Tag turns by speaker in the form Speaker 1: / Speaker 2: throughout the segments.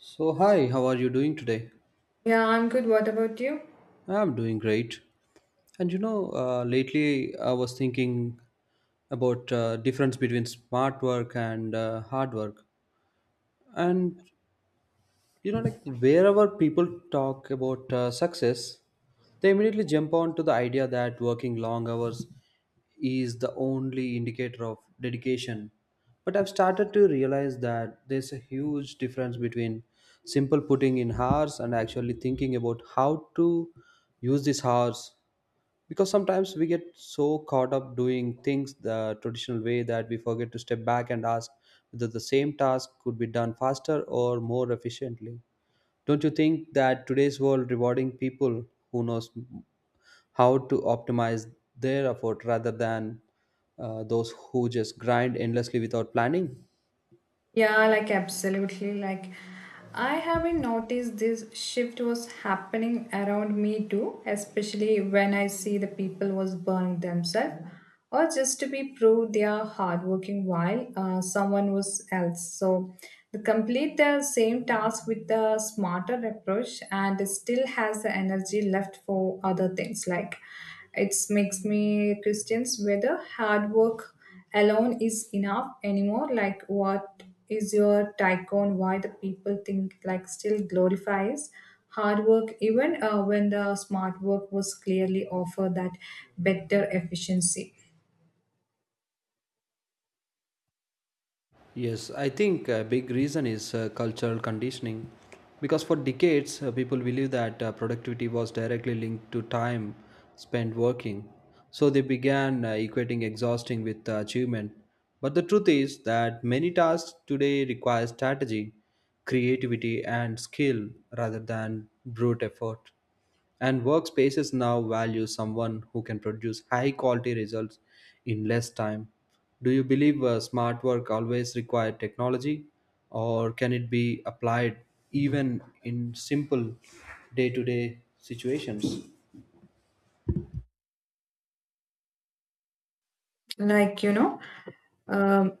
Speaker 1: So, hi, how are you doing today?
Speaker 2: Yeah, I'm good. What about you?
Speaker 1: I'm doing great. And you know, lately I was thinking about difference between smart work and hard work. And you know like wherever people talk about success they immediately jump on to the idea that working long hours is the only indicator of dedication, but I've started to realize that there's a huge difference between simple putting in hours and actually thinking about how to use these hours, because sometimes we get so caught up doing things the traditional way that we forget to step back and ask whether the same task could be done faster or more efficiently. Don't you think that today's world rewarding people who knows how to optimize their effort rather than those who just grind endlessly without planning?
Speaker 2: Yeah, like absolutely. Like, I haven't noticed this shift was happening around me too, especially when I see the people was burning themselves or just to be proved they are hardworking while someone was else. So, the complete the same task with the smarter approach and still has the energy left for other things like it makes me questions whether hard work alone is enough anymore like what is your take on why the people think like still glorifies hard work even when the smart work was clearly offer that better efficiency.
Speaker 1: Yes, I think a big reason is cultural conditioning. Because for decades, people believed that productivity was directly linked to time spent working. So they began equating exhausting with achievement. But the truth is that many tasks today require strategy, creativity, and skill rather than brute effort. And workspaces now value someone who can produce high quality results in less time. Do you believe smart work always required technology, or can it be applied even in simple day to day situations?
Speaker 2: Like, um,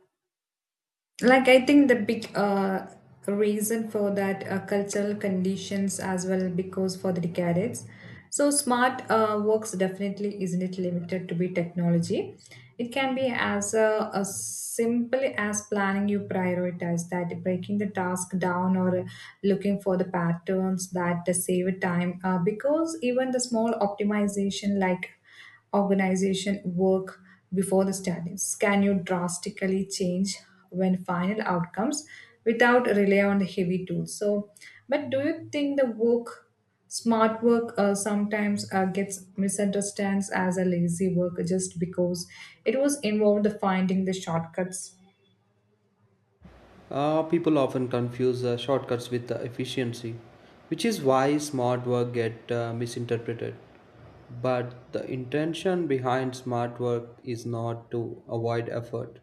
Speaker 2: like, I think the big reason for that cultural conditions as well, because for the decades, so smart works definitely isn't it limited to be technology. It can be as a simple as planning you prioritize that breaking the task down or looking for the patterns that save time. Because even the small optimization like organization work before the studies? Can you drastically change when final outcomes without rely on the heavy tools? So, but do you think the work, smart work, sometimes gets misunderstood as a lazy work just because it was involved the finding the shortcuts?
Speaker 1: People often confuse shortcuts with efficiency, which is why smart work get misinterpreted. But the intention behind smart work is not to avoid effort.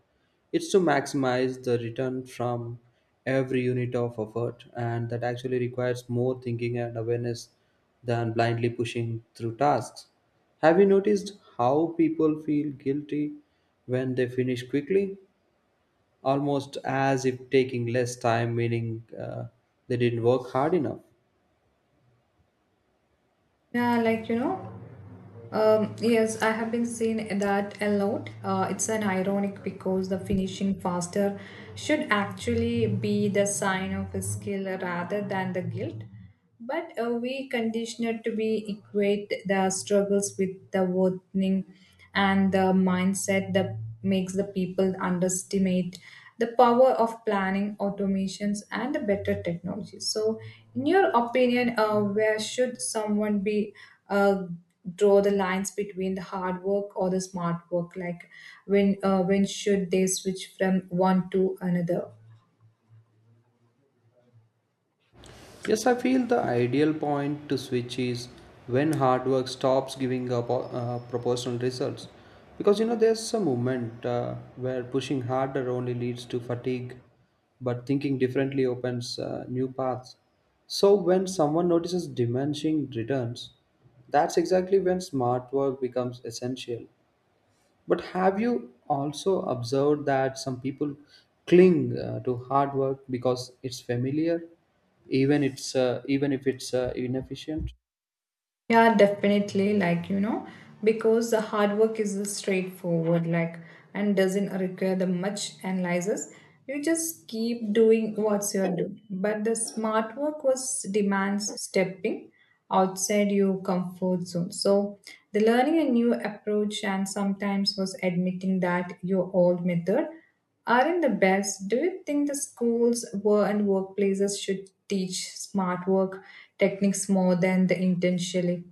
Speaker 1: It's to maximize the return from every unit of effort, and that actually requires more thinking and awareness than blindly pushing through tasks. Have you noticed how people feel guilty when they finish quickly? Almost as if taking less time meaning they didn't work hard enough.
Speaker 2: Yeah, like yes, I have been seeing that a lot. It's an ironic because the finishing faster should actually be the sign of a skill rather than the guilt. But we conditioned to be equate the struggles with the worthing and the mindset that makes the people underestimate the power of planning automations and the better technology, so in your opinion, where should someone be uh, draw the lines between the hard work or the smart work, like when when should they switch from one to another?
Speaker 1: Yes, I feel the ideal point to switch is when hard work stops giving up proportional results. Because you know, there's a moment where pushing harder only leads to fatigue, but thinking differently opens new paths. So, when someone notices diminishing returns, that's exactly when smart work becomes essential. But have you also observed that some people cling to hard work because it's familiar, even it's even if it's inefficient?
Speaker 2: Yeah, definitely. Like, because the hard work is straightforward, like, and doesn't require the much analysis. You just keep doing what you're doing. But the smart work was demands stepping outside your comfort zone. So the learning a new approach and sometimes was admitting that your old method aren't the best. Do you think the schools were and workplaces should teach smart work techniques more than the intentionally?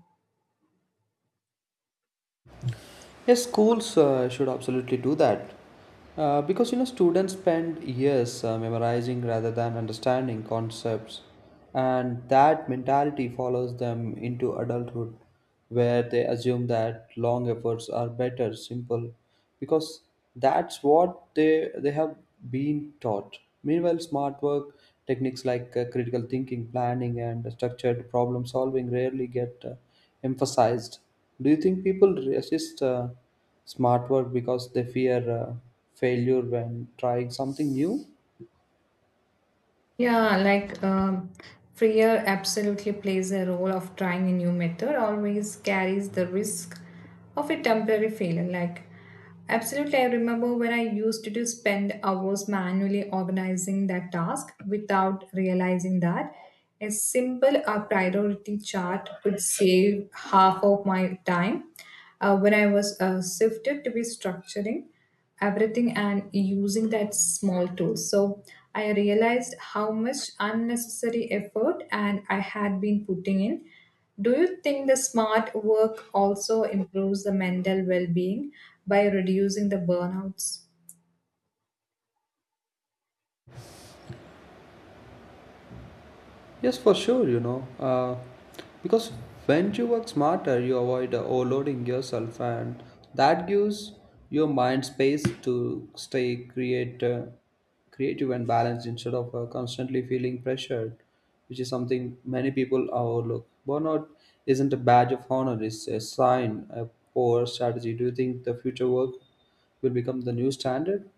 Speaker 1: Yes, schools should absolutely do that. Because you know, students spend years memorizing rather than understanding concepts, and that mentality follows them into adulthood, where they assume that long efforts are better, simple, because that's what they have been taught. Meanwhile, smart work techniques like critical thinking, planning, and structured problem solving rarely get emphasized. Do you think people resist smart work because they fear failure when trying something new?
Speaker 2: Yeah, like fear absolutely plays a role of trying a new method, always carries the risk of a temporary failure. Like, absolutely, I remember when I used to do spend hours manually organizing that task without realizing that a simple priority chart could save half of my time when I was shifted to be structuring everything and using that small tool. So I realized how much unnecessary effort and I had been putting in. Do you think the smart work also improves the mental well-being by reducing the burnouts?
Speaker 1: Yes, for sure, you know. Because when you work smarter, you avoid overloading yourself, and that gives your mind space to stay creative and balanced instead of constantly feeling pressured, which is something many people overlook. Burnout isn't a badge of honor, it's a sign, a poor strategy. Do you think the future work will become the new standard?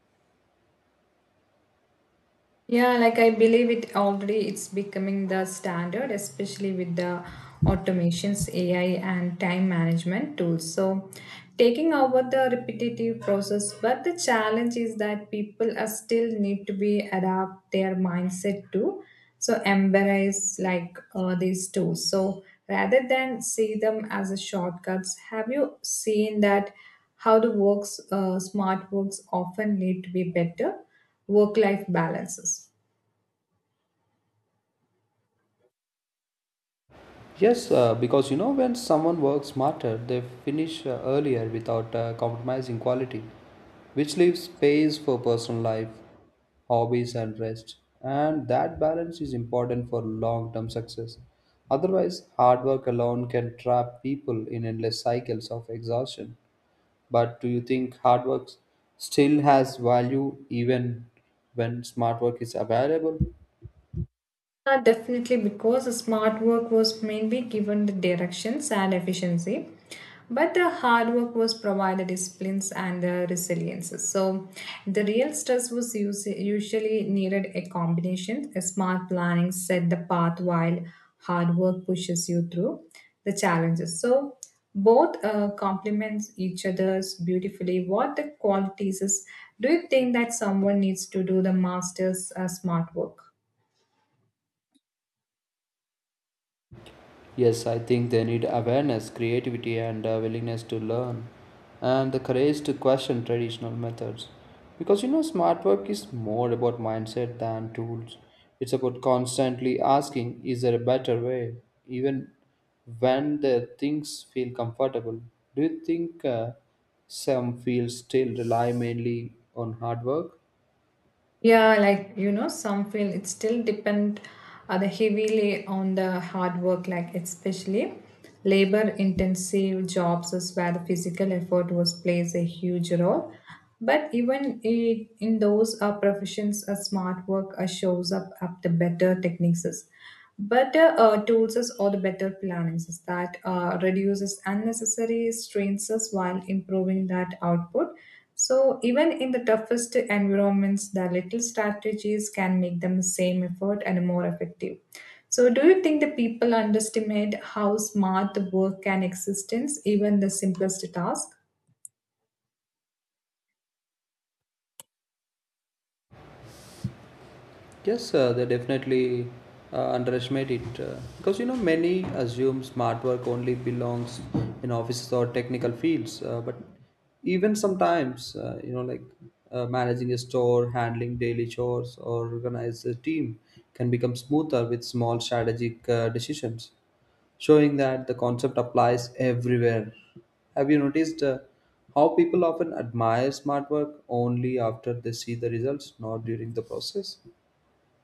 Speaker 2: Yeah, like I believe it's becoming the standard, especially with the automations, AI and time management tools. So taking over the repetitive process, but the challenge is that people are still need to be adapt their mindset to so embrace like these tools. So rather than see them as a shortcuts, have you seen that how the works smart works often need to be better work life balances?
Speaker 1: Yes, because you know, when someone works smarter, they finish earlier without compromising quality, which leaves space for personal life, hobbies, and rest. And that balance is important for long term success. Otherwise, hard work alone can trap people in endless cycles of exhaustion. But do you think hard work still has value even when smart work is available?
Speaker 2: Definitely, because the smart work was mainly given the directions and efficiency, but the hard work was provided disciplines and the resilience. So, the real stress was usually needed a combination. A smart planning set the path while hard work pushes you through the challenges. So, both complement each other's beautifully. What the qualities is? Do you think that someone needs to do the master's smart work?
Speaker 1: Yes, I think they need awareness, creativity, and willingness to learn, and the courage to question traditional methods. Because you know, smart work is more about mindset than tools. It's about constantly asking, is there a better way? Even when the things feel comfortable. Do you think some fields still rely mainly on hard work?
Speaker 2: Yeah, like some feel it still depend the heavily on the hard work, like especially labor intensive jobs is where the physical effort was plays a huge role. But even in those professions, a smart work shows up the better techniques, better tools is or the better planning is that reduces unnecessary strains is while improving that output. So, even in the toughest environments, the little strategies can make them same effort and more effective. So, do you think the people underestimate how smart the work can existence, even the simplest task?
Speaker 1: Yes, they definitely underestimate it because you know many assume smart work only belongs in offices or technical fields, but even sometimes you know like managing a store, handling daily chores, or organize a team can become smoother with small strategic decisions, showing that the concept applies everywhere. Have you noticed how people often admire smart work only after they see the results, not during the process?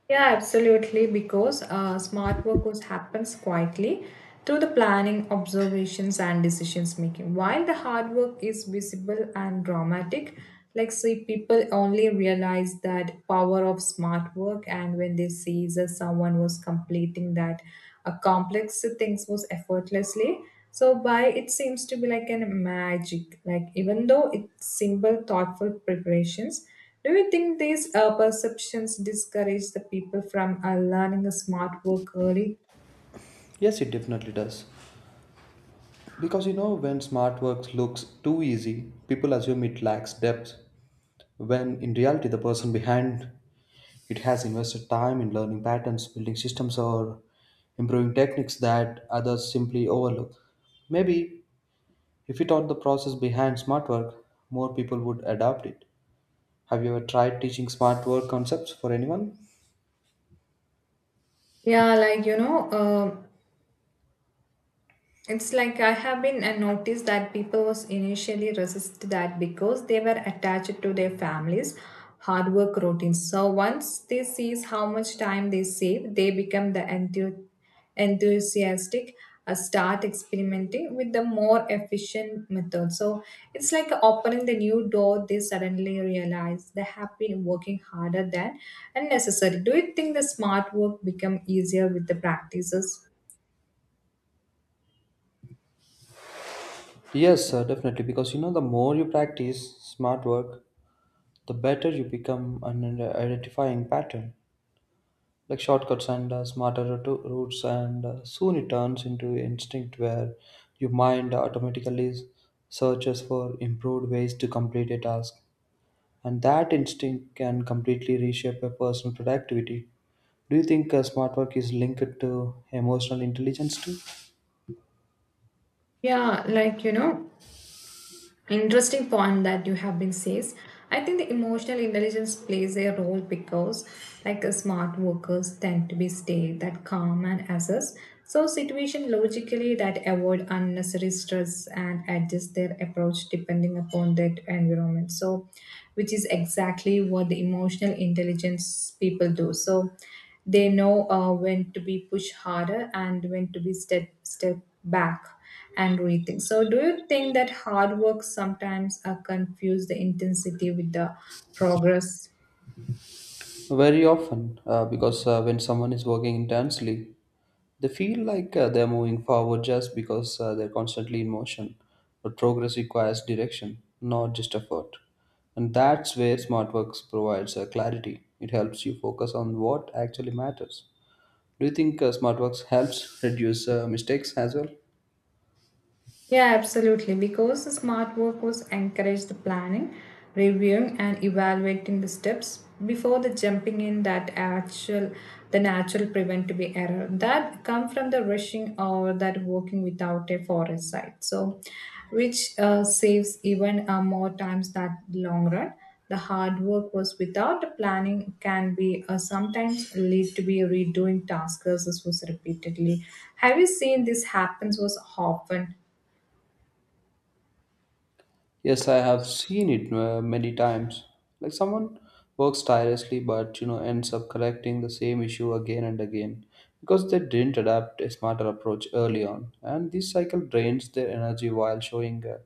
Speaker 2: Yeah, absolutely. Because smart work was happens quietly through the planning, observations, and decisions making. While the hard work is visible and dramatic, like say people only realize that power of smart work, and when they see that someone was completing that a complex things was effortlessly. So by it seems to be like an magic, like even though it's simple, thoughtful preparations. Do you think these perceptions discourage the people from learning a smart work early?
Speaker 1: Yes, it definitely does. Because you know, when smart work looks too easy, people assume it lacks depth, when in reality, the person behind it has invested time in learning patterns, building systems, or improving techniques that others simply overlook. Maybe if we taught the process behind smart work, more people would adopt it. Have you ever tried teaching smart work concepts for anyone?
Speaker 2: Yeah, like, it's like I have been and noticed that people was initially resist that because they were attached to their families, hard work routines. So once they sees how much time they save, they become the enthusiastic, start experimenting with the more efficient method. So it's like opening the new door. They suddenly realize they have been working harder than unnecessary. Do you think the smart work become easier with the practices?
Speaker 1: Yes, sir, definitely. Because you know, the more you practice smart work, the better you become an identifying pattern, like shortcuts and smarter routes, and soon it turns into instinct where your mind automatically searches for improved ways to complete a task. And that instinct can completely reshape a person's productivity. Do you think smart work is linked to emotional intelligence too?
Speaker 2: Yeah, like interesting point that you have been says. I think the emotional intelligence plays a role because like smart workers tend to be stay that calm and assess so situation logically that avoid unnecessary stress and adjust their approach depending upon that environment. So which is exactly what the emotional intelligence people do. So they know when to be pushed harder and when to be step back and rethink. So, do you think that hard work sometimes confuse the intensity with the progress?
Speaker 1: Very often, because when someone is working intensely, they feel like they're moving forward just because they're constantly in motion. But progress requires direction, not just effort. And that's where SmartWorks provides clarity. It helps you focus on what actually matters. Do you think SmartWorks helps reduce mistakes as well?
Speaker 2: Yeah, absolutely. Because the smart workers encourage the planning, reviewing, and evaluating the steps before the jumping in that actual, the natural preventable error that come from the rushing or that working without a forest site. So, which saves even more times that long run. The hard work was without the planning can be sometimes lead to be redoing tasks as was repeatedly. Have you seen this happens was often?
Speaker 1: Yes, I have seen it many times. Like someone works tirelessly but you know ends up correcting the same issue again and again because they didn't adapt a smarter approach early on, and this cycle drains their energy while showing uh,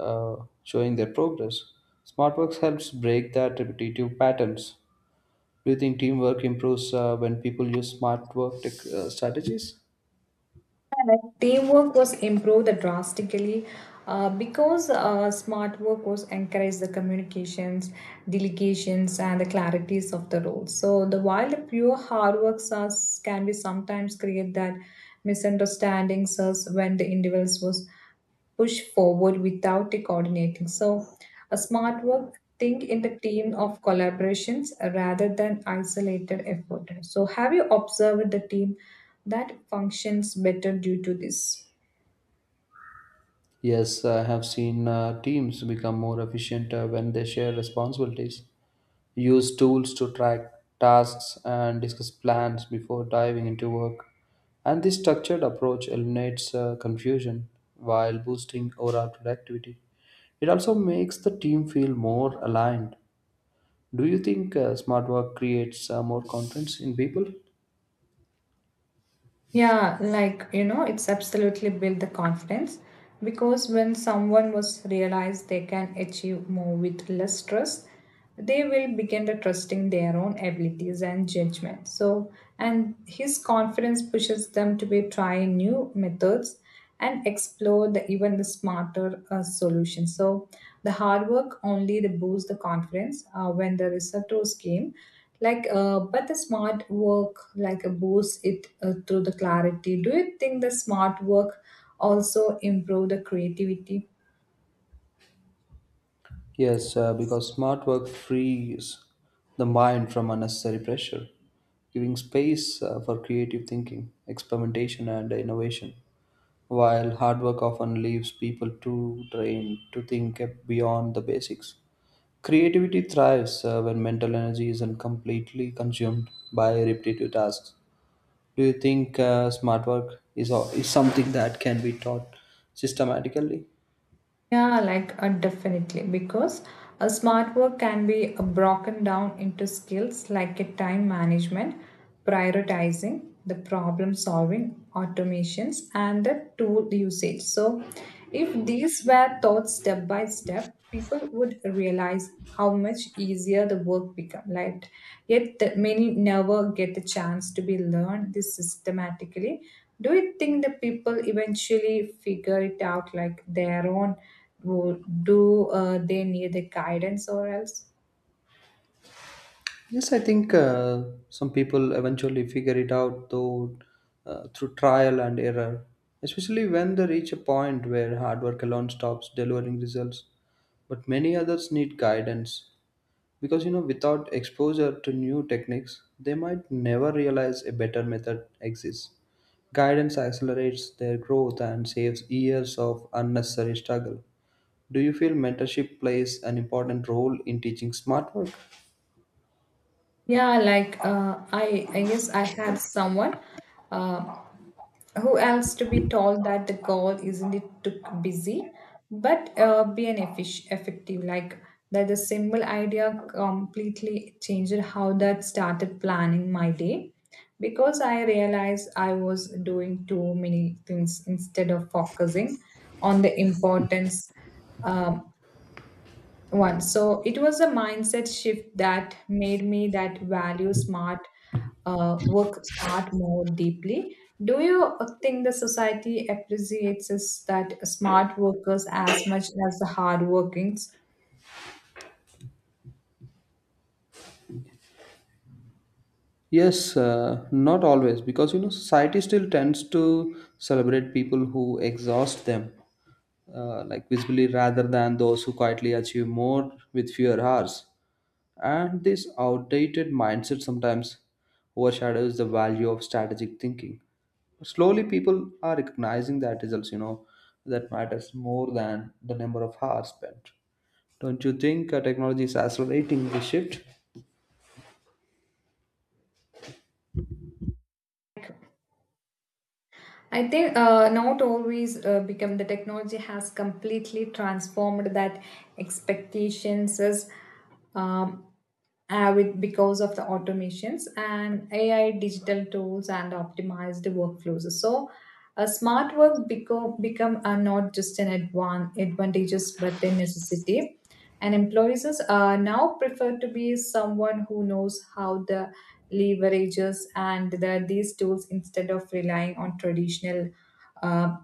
Speaker 1: uh, showing their progress. SmartWorks helps break that repetitive patterns. Do you think teamwork improves when people use smart work strategies?
Speaker 2: Correct. Teamwork was improved drastically because smart work was encouraged the communications, delegations, and the clarities of the roles. So the while the pure hard works are, can be sometimes create that misunderstandings us when the individuals was push forward without the coordinating. So, a smart work think in the team of collaborations rather than isolated effort. So, have you observed the team that functions better due to this?
Speaker 1: Yes, I have seen teams become more efficient when they share responsibilities, use tools to track tasks and discuss plans before diving into work. And this structured approach eliminates confusion while boosting overall productivity. It also makes the team feel more aligned. Do you think smart work creates more confidence in people?
Speaker 2: Yeah, like it's absolutely built the confidence because when someone was realized they can achieve more with less stress, they will begin to trusting their own abilities and judgment. So, and his confidence pushes them to be trying new methods and explore the even the smarter solution, so the hard work only the boost the confidence when the receptors came, like but the smart work, like a boost it through the clarity. Do you think the smart work also improve the creativity?
Speaker 1: Yes, because smart work frees the mind from unnecessary pressure, giving space for creative thinking, experimentation, and innovation. While hard work often leaves people too drained to think beyond the basics, creativity thrives when mental energy isn't completely consumed by repetitive tasks. Do you think smart work is something that can be taught systematically?
Speaker 2: Yeah, like definitely, because a smart work can be broken down into skills like a time management, prioritizing, the problem solving, automations, and the tool usage. So, if these were taught step by step, people would realize how much easier the work become, like yet the, many never get the chance to be learned this systematically. Do you think the people eventually figure it out like their own? Do they need the guidance or else?
Speaker 1: Yes, I think some people eventually figure it out though through trial and error, especially when they reach a point where hard work alone stops delivering results. But many others need guidance because you know without exposure to new techniques, they might never realize a better method exists. Guidance accelerates their growth and saves years of unnecessary struggle. Do you feel mentorship plays an important role in teaching smart work?
Speaker 2: Yeah, like I guess I had someone uh, who else to be told that the goal isn't it too busy, but be an effective. Like that, the simple idea completely changed how that started planning my day, because I realized I was doing too many things instead of focusing on the importance. um, Once. So it was a mindset shift that made me that value smart, work smart more deeply. Do you think the society appreciates us that smart workers as much as the hard workings?
Speaker 1: Yes, not always, because you know society still tends to celebrate people who exhaust them, like visibly, rather than those who quietly achieve more with fewer hours. And this outdated mindset sometimes overshadows the value of strategic thinking. Slowly, people are recognizing that results, you know, that matters more than the number of hours spent. Don't you think technology is accelerating the shift?
Speaker 2: I think not always become the technology has completely transformed that expectations is um, with, because of the automations and AI digital tools and optimized workflows. So, a smart work become not just an advantages but a necessity. And employees now prefer to be someone who knows how the leverages and that these tools instead of relying on traditional uh,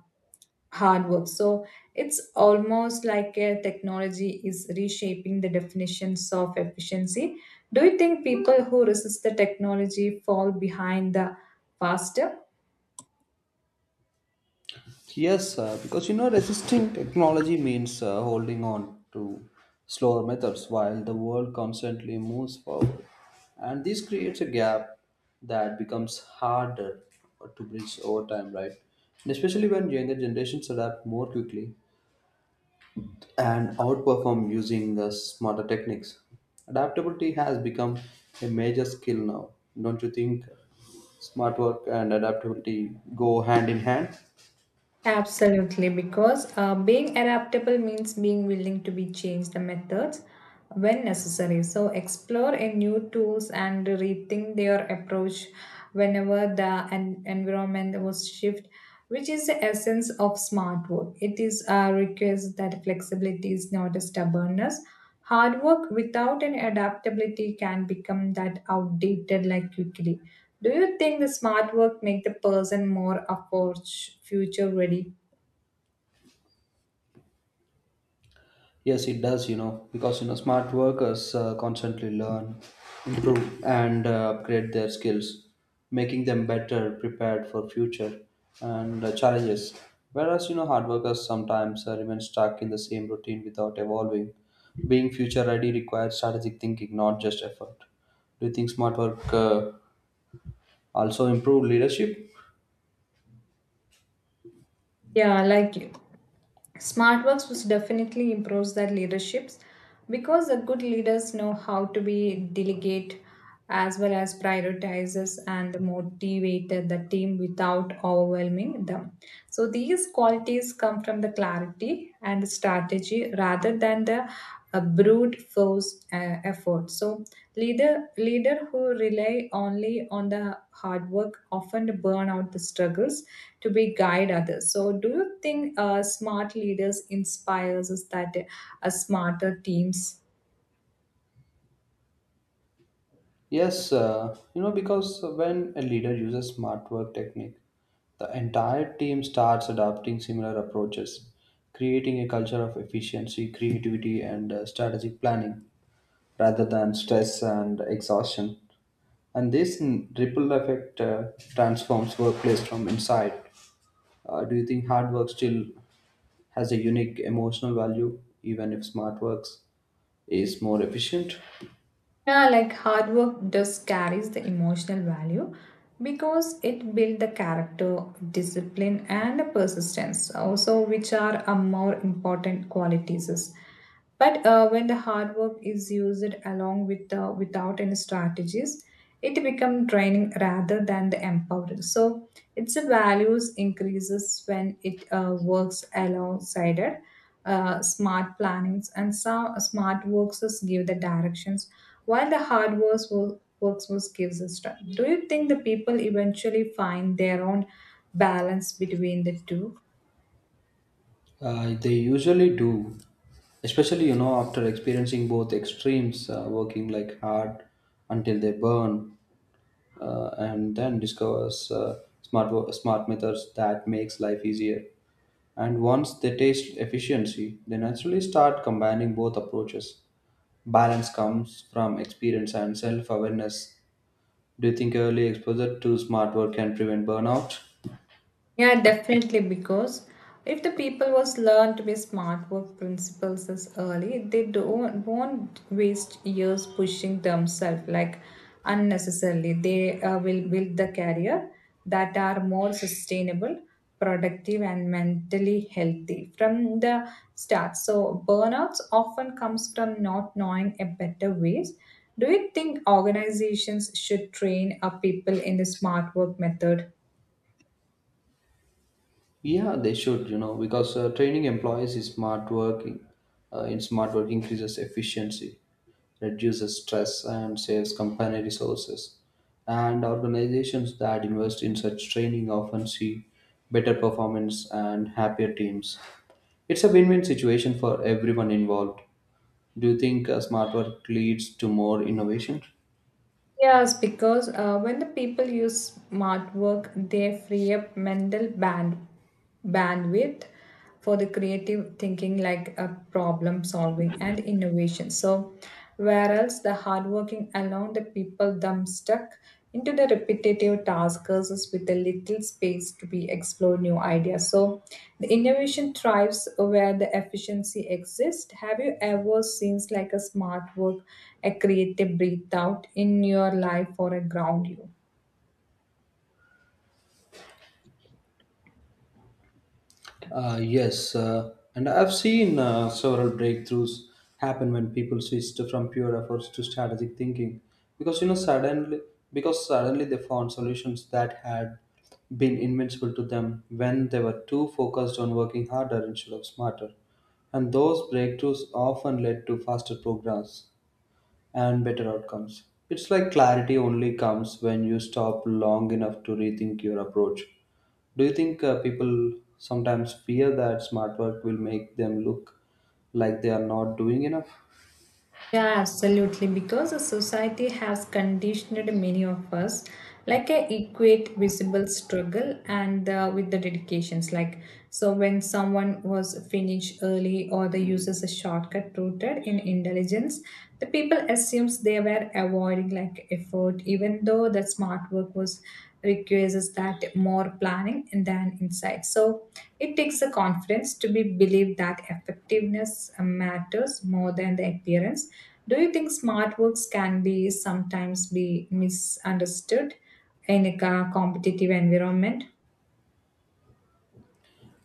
Speaker 2: hard work. So it's almost like a technology is reshaping the definitions of efficiency. Do you think people who resist the technology fall behind the faster?
Speaker 1: Yes, because you know, resisting technology means holding on to slower methods while the world constantly moves forward. And this creates a gap that becomes harder to bridge over time, right? And especially when younger generations adapt more quickly and outperform using the smarter techniques. Adaptability has become a major skill now, don't you think? Smart work and adaptability go hand in hand.
Speaker 2: Absolutely, because being adaptable means being willing to be changed the methods when necessary. So explore a new tools and rethink their approach whenever the environment was shift, which is the essence of smart work. It is a request that flexibility is not a stubbornness. Hard work without an adaptability can become that outdated like quickly. Do you think the smart work make the person more approach future ready?
Speaker 1: Yes, it does, you know, because you know smart workers constantly learn, improve, and upgrade their skills, making them better prepared for future and challenges. Whereas you know hard workers sometimes remain stuck in the same routine without evolving. Being future ready requires strategic thinking, not just effort. Do you think smart work also improve leadership?
Speaker 2: Yeah, like you. Smartworks was definitely improves their leaderships because the good leaders know how to be delegate as well as prioritizes and motivated the team without overwhelming them. So these qualities come from the clarity and strategy rather than the brute force effort. So leader who rely only on the hard work often burn out the struggles to be guide others, so do you think smart leaders inspires us that smarter teams.
Speaker 1: Yes, you know, because when a leader uses smart work technique, the entire team starts adopting similar approaches, creating a culture of efficiency, creativity, and strategic planning rather than stress and exhaustion. And this ripple effect transforms workplace from inside. Do you think hard work still has a unique emotional value, even if smart works is more efficient?
Speaker 2: Yeah, like hard work does carries the emotional value because it built the character, discipline, and persistence, also which are a more important qualities. But when the hard work is used along with the without any strategies, it becomes draining rather than the empowered. So its values increases when it works alongside it smart plannings, and some smart works us give the directions, while the hard works will works was gives us strength. Do you think the people eventually find their own balance between the two?
Speaker 1: They usually do, especially you know after experiencing both extremes, working like hard until they burn, and then discovers smart methods that makes life easier. And once they taste efficiency, they naturally start combining both approaches. Balance comes from experience and self awareness. Do you think early exposure to smart work can prevent burnout?
Speaker 2: Yeah, definitely. Because if the people was learn to be smart work principles as early, they don't won't waste years pushing themselves like unnecessarily. They will build the career that are more sustainable, productive, and mentally healthy from the start. So burnouts often comes from not knowing a better ways. Do you think organizations should train our people in the smart work method?
Speaker 1: Yeah, they should, you know, because training employees is smart working. In smart work increases efficiency, reduces stress, and saves company resources. And organizations that invest in such training often see better performance and happier teams. It's a win-win situation for everyone involved. Do you think smart work leads to more innovation?
Speaker 2: Yes, because when the people use smart work, they free up mental bandwidth for the creative thinking, like problem solving and innovation. So, whereas the hardworking alone, the people them stuck into the repetitive tasks with a little space to be explore new ideas. So the innovation thrives where the efficiency exists. Have you ever seen like a smart work, a creative breathe out in your life or a ground you?
Speaker 1: Yes, and I've seen several breakthroughs happen when people switched from pure efforts to strategic thinking, because you know suddenly they found solutions that had been invincible to them when they were too focused on working harder instead of smarter, and those breakthroughs often led to faster progress and better outcomes. It's like clarity only comes when you stop long enough to rethink your approach. Do you think people sometimes fear that smart work will make them look like they are not doing enough?
Speaker 2: Yeah, absolutely. Because the society has conditioned many of us, like I equate visible struggle and with the dedications. Like so, when someone was finished early or they uses a shortcut rooted in intelligence, the people assumes they were avoiding like effort, even though the smart work was requires that more planning and then insight. So it takes a confidence to be believed that effectiveness matters more than the appearance. Do you think smart works can be sometimes be misunderstood in a competitive environment?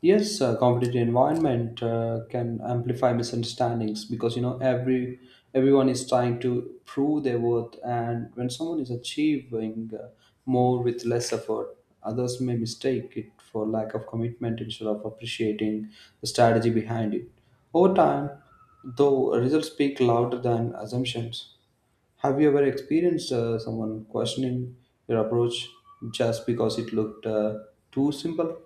Speaker 1: Yes, competitive environment can amplify misunderstandings because you know every everyone is trying to prove their worth, and when someone is achieving more with less effort, others may mistake it for lack of commitment instead of appreciating the strategy behind it. Over time, though, results speak louder than assumptions. Have you ever experienced someone questioning your approach just because it looked too simple?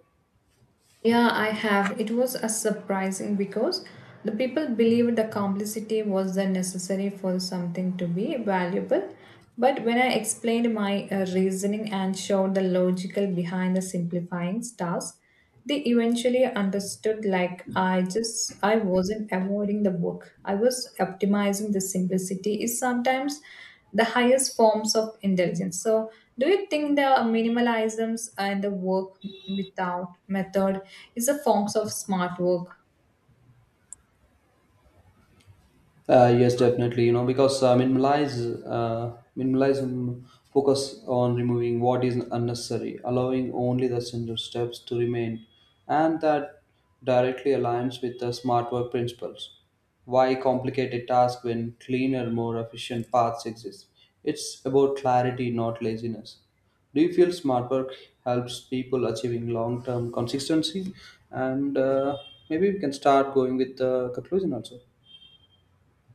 Speaker 2: Yeah, I have. It was a surprising because the people believed the complexity was the necessary for something to be valuable. But when I explained my reasoning and showed the logical behind the simplifying stars, they eventually understood like I just I wasn't avoiding the book. I was optimizing the simplicity is sometimes the highest forms of intelligence. So, do you think the minimalisms and the work without method is a forms of smart work?
Speaker 1: Yes, definitely. You know, because minimalize minimalism focus on removing what is unnecessary, allowing only the essential steps to remain, and that directly aligns with the smart work principles. Why complicate a task when cleaner, more efficient paths exist? It's about clarity, not laziness. Do you feel smart work helps people achieving long-term consistency? And maybe we can start going with the conclusion also.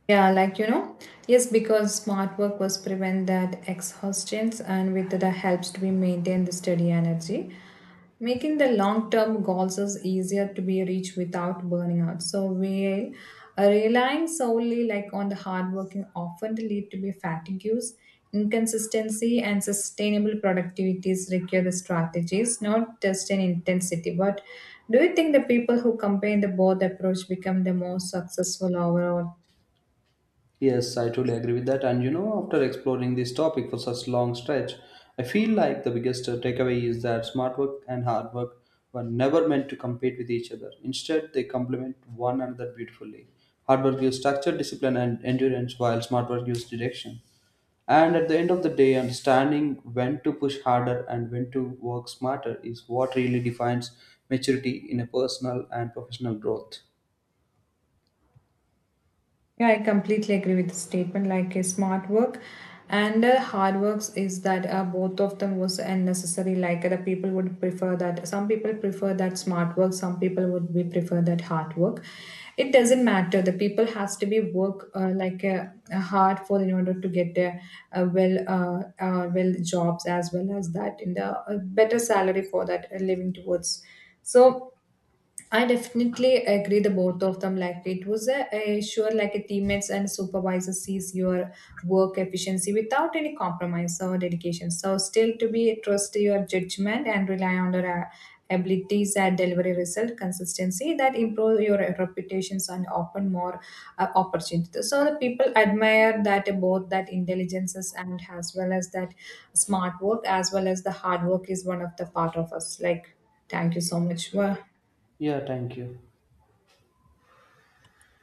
Speaker 2: Yeah, like you know, yes, because smart work was prevent that exhaustions and with the helps to be maintain the steady energy. Making the long term goals is easier to be reached without burning out. So we relying solely like on the hard working often lead to be fatigues, inconsistency and sustainable productivities require the strategies, not just an intensity. But do you think the people who combine the both approach become the most successful overall?
Speaker 1: Yes, I totally agree with that. And you know, after exploring this topic for such long stretch, I feel like the biggest takeaway is that smart work and hard work were never meant to compete with each other. Instead, they complement one another beautifully. Hard work gives structure, discipline, and endurance, while smart work gives direction. And at the end of the day, understanding when to push harder and when to work smarter is what really defines maturity in a personal and professional growth.
Speaker 2: Yeah, I completely agree with the statement. Like a smart work and hard works is that both of them was unnecessary. Like the people would prefer that. Some people prefer that smart work. Some people would be prefer that hard work. It doesn't matter. The people has to be work like hard for in order to get their well well jobs as well as that in the better salary for that living towards. So I definitely agree the both of them. Like it was a sure like a teammates and supervisor sees your work efficiency without any compromise or dedication. So still to be trust your judgment and rely on your abilities and delivery result consistency that improve your reputations and open more opportunities. So the people admire that both that intelligences and as well as that smart work as well as the hard work is one of the part of us. Like thank you so much. Well,
Speaker 1: Yeah, thank you.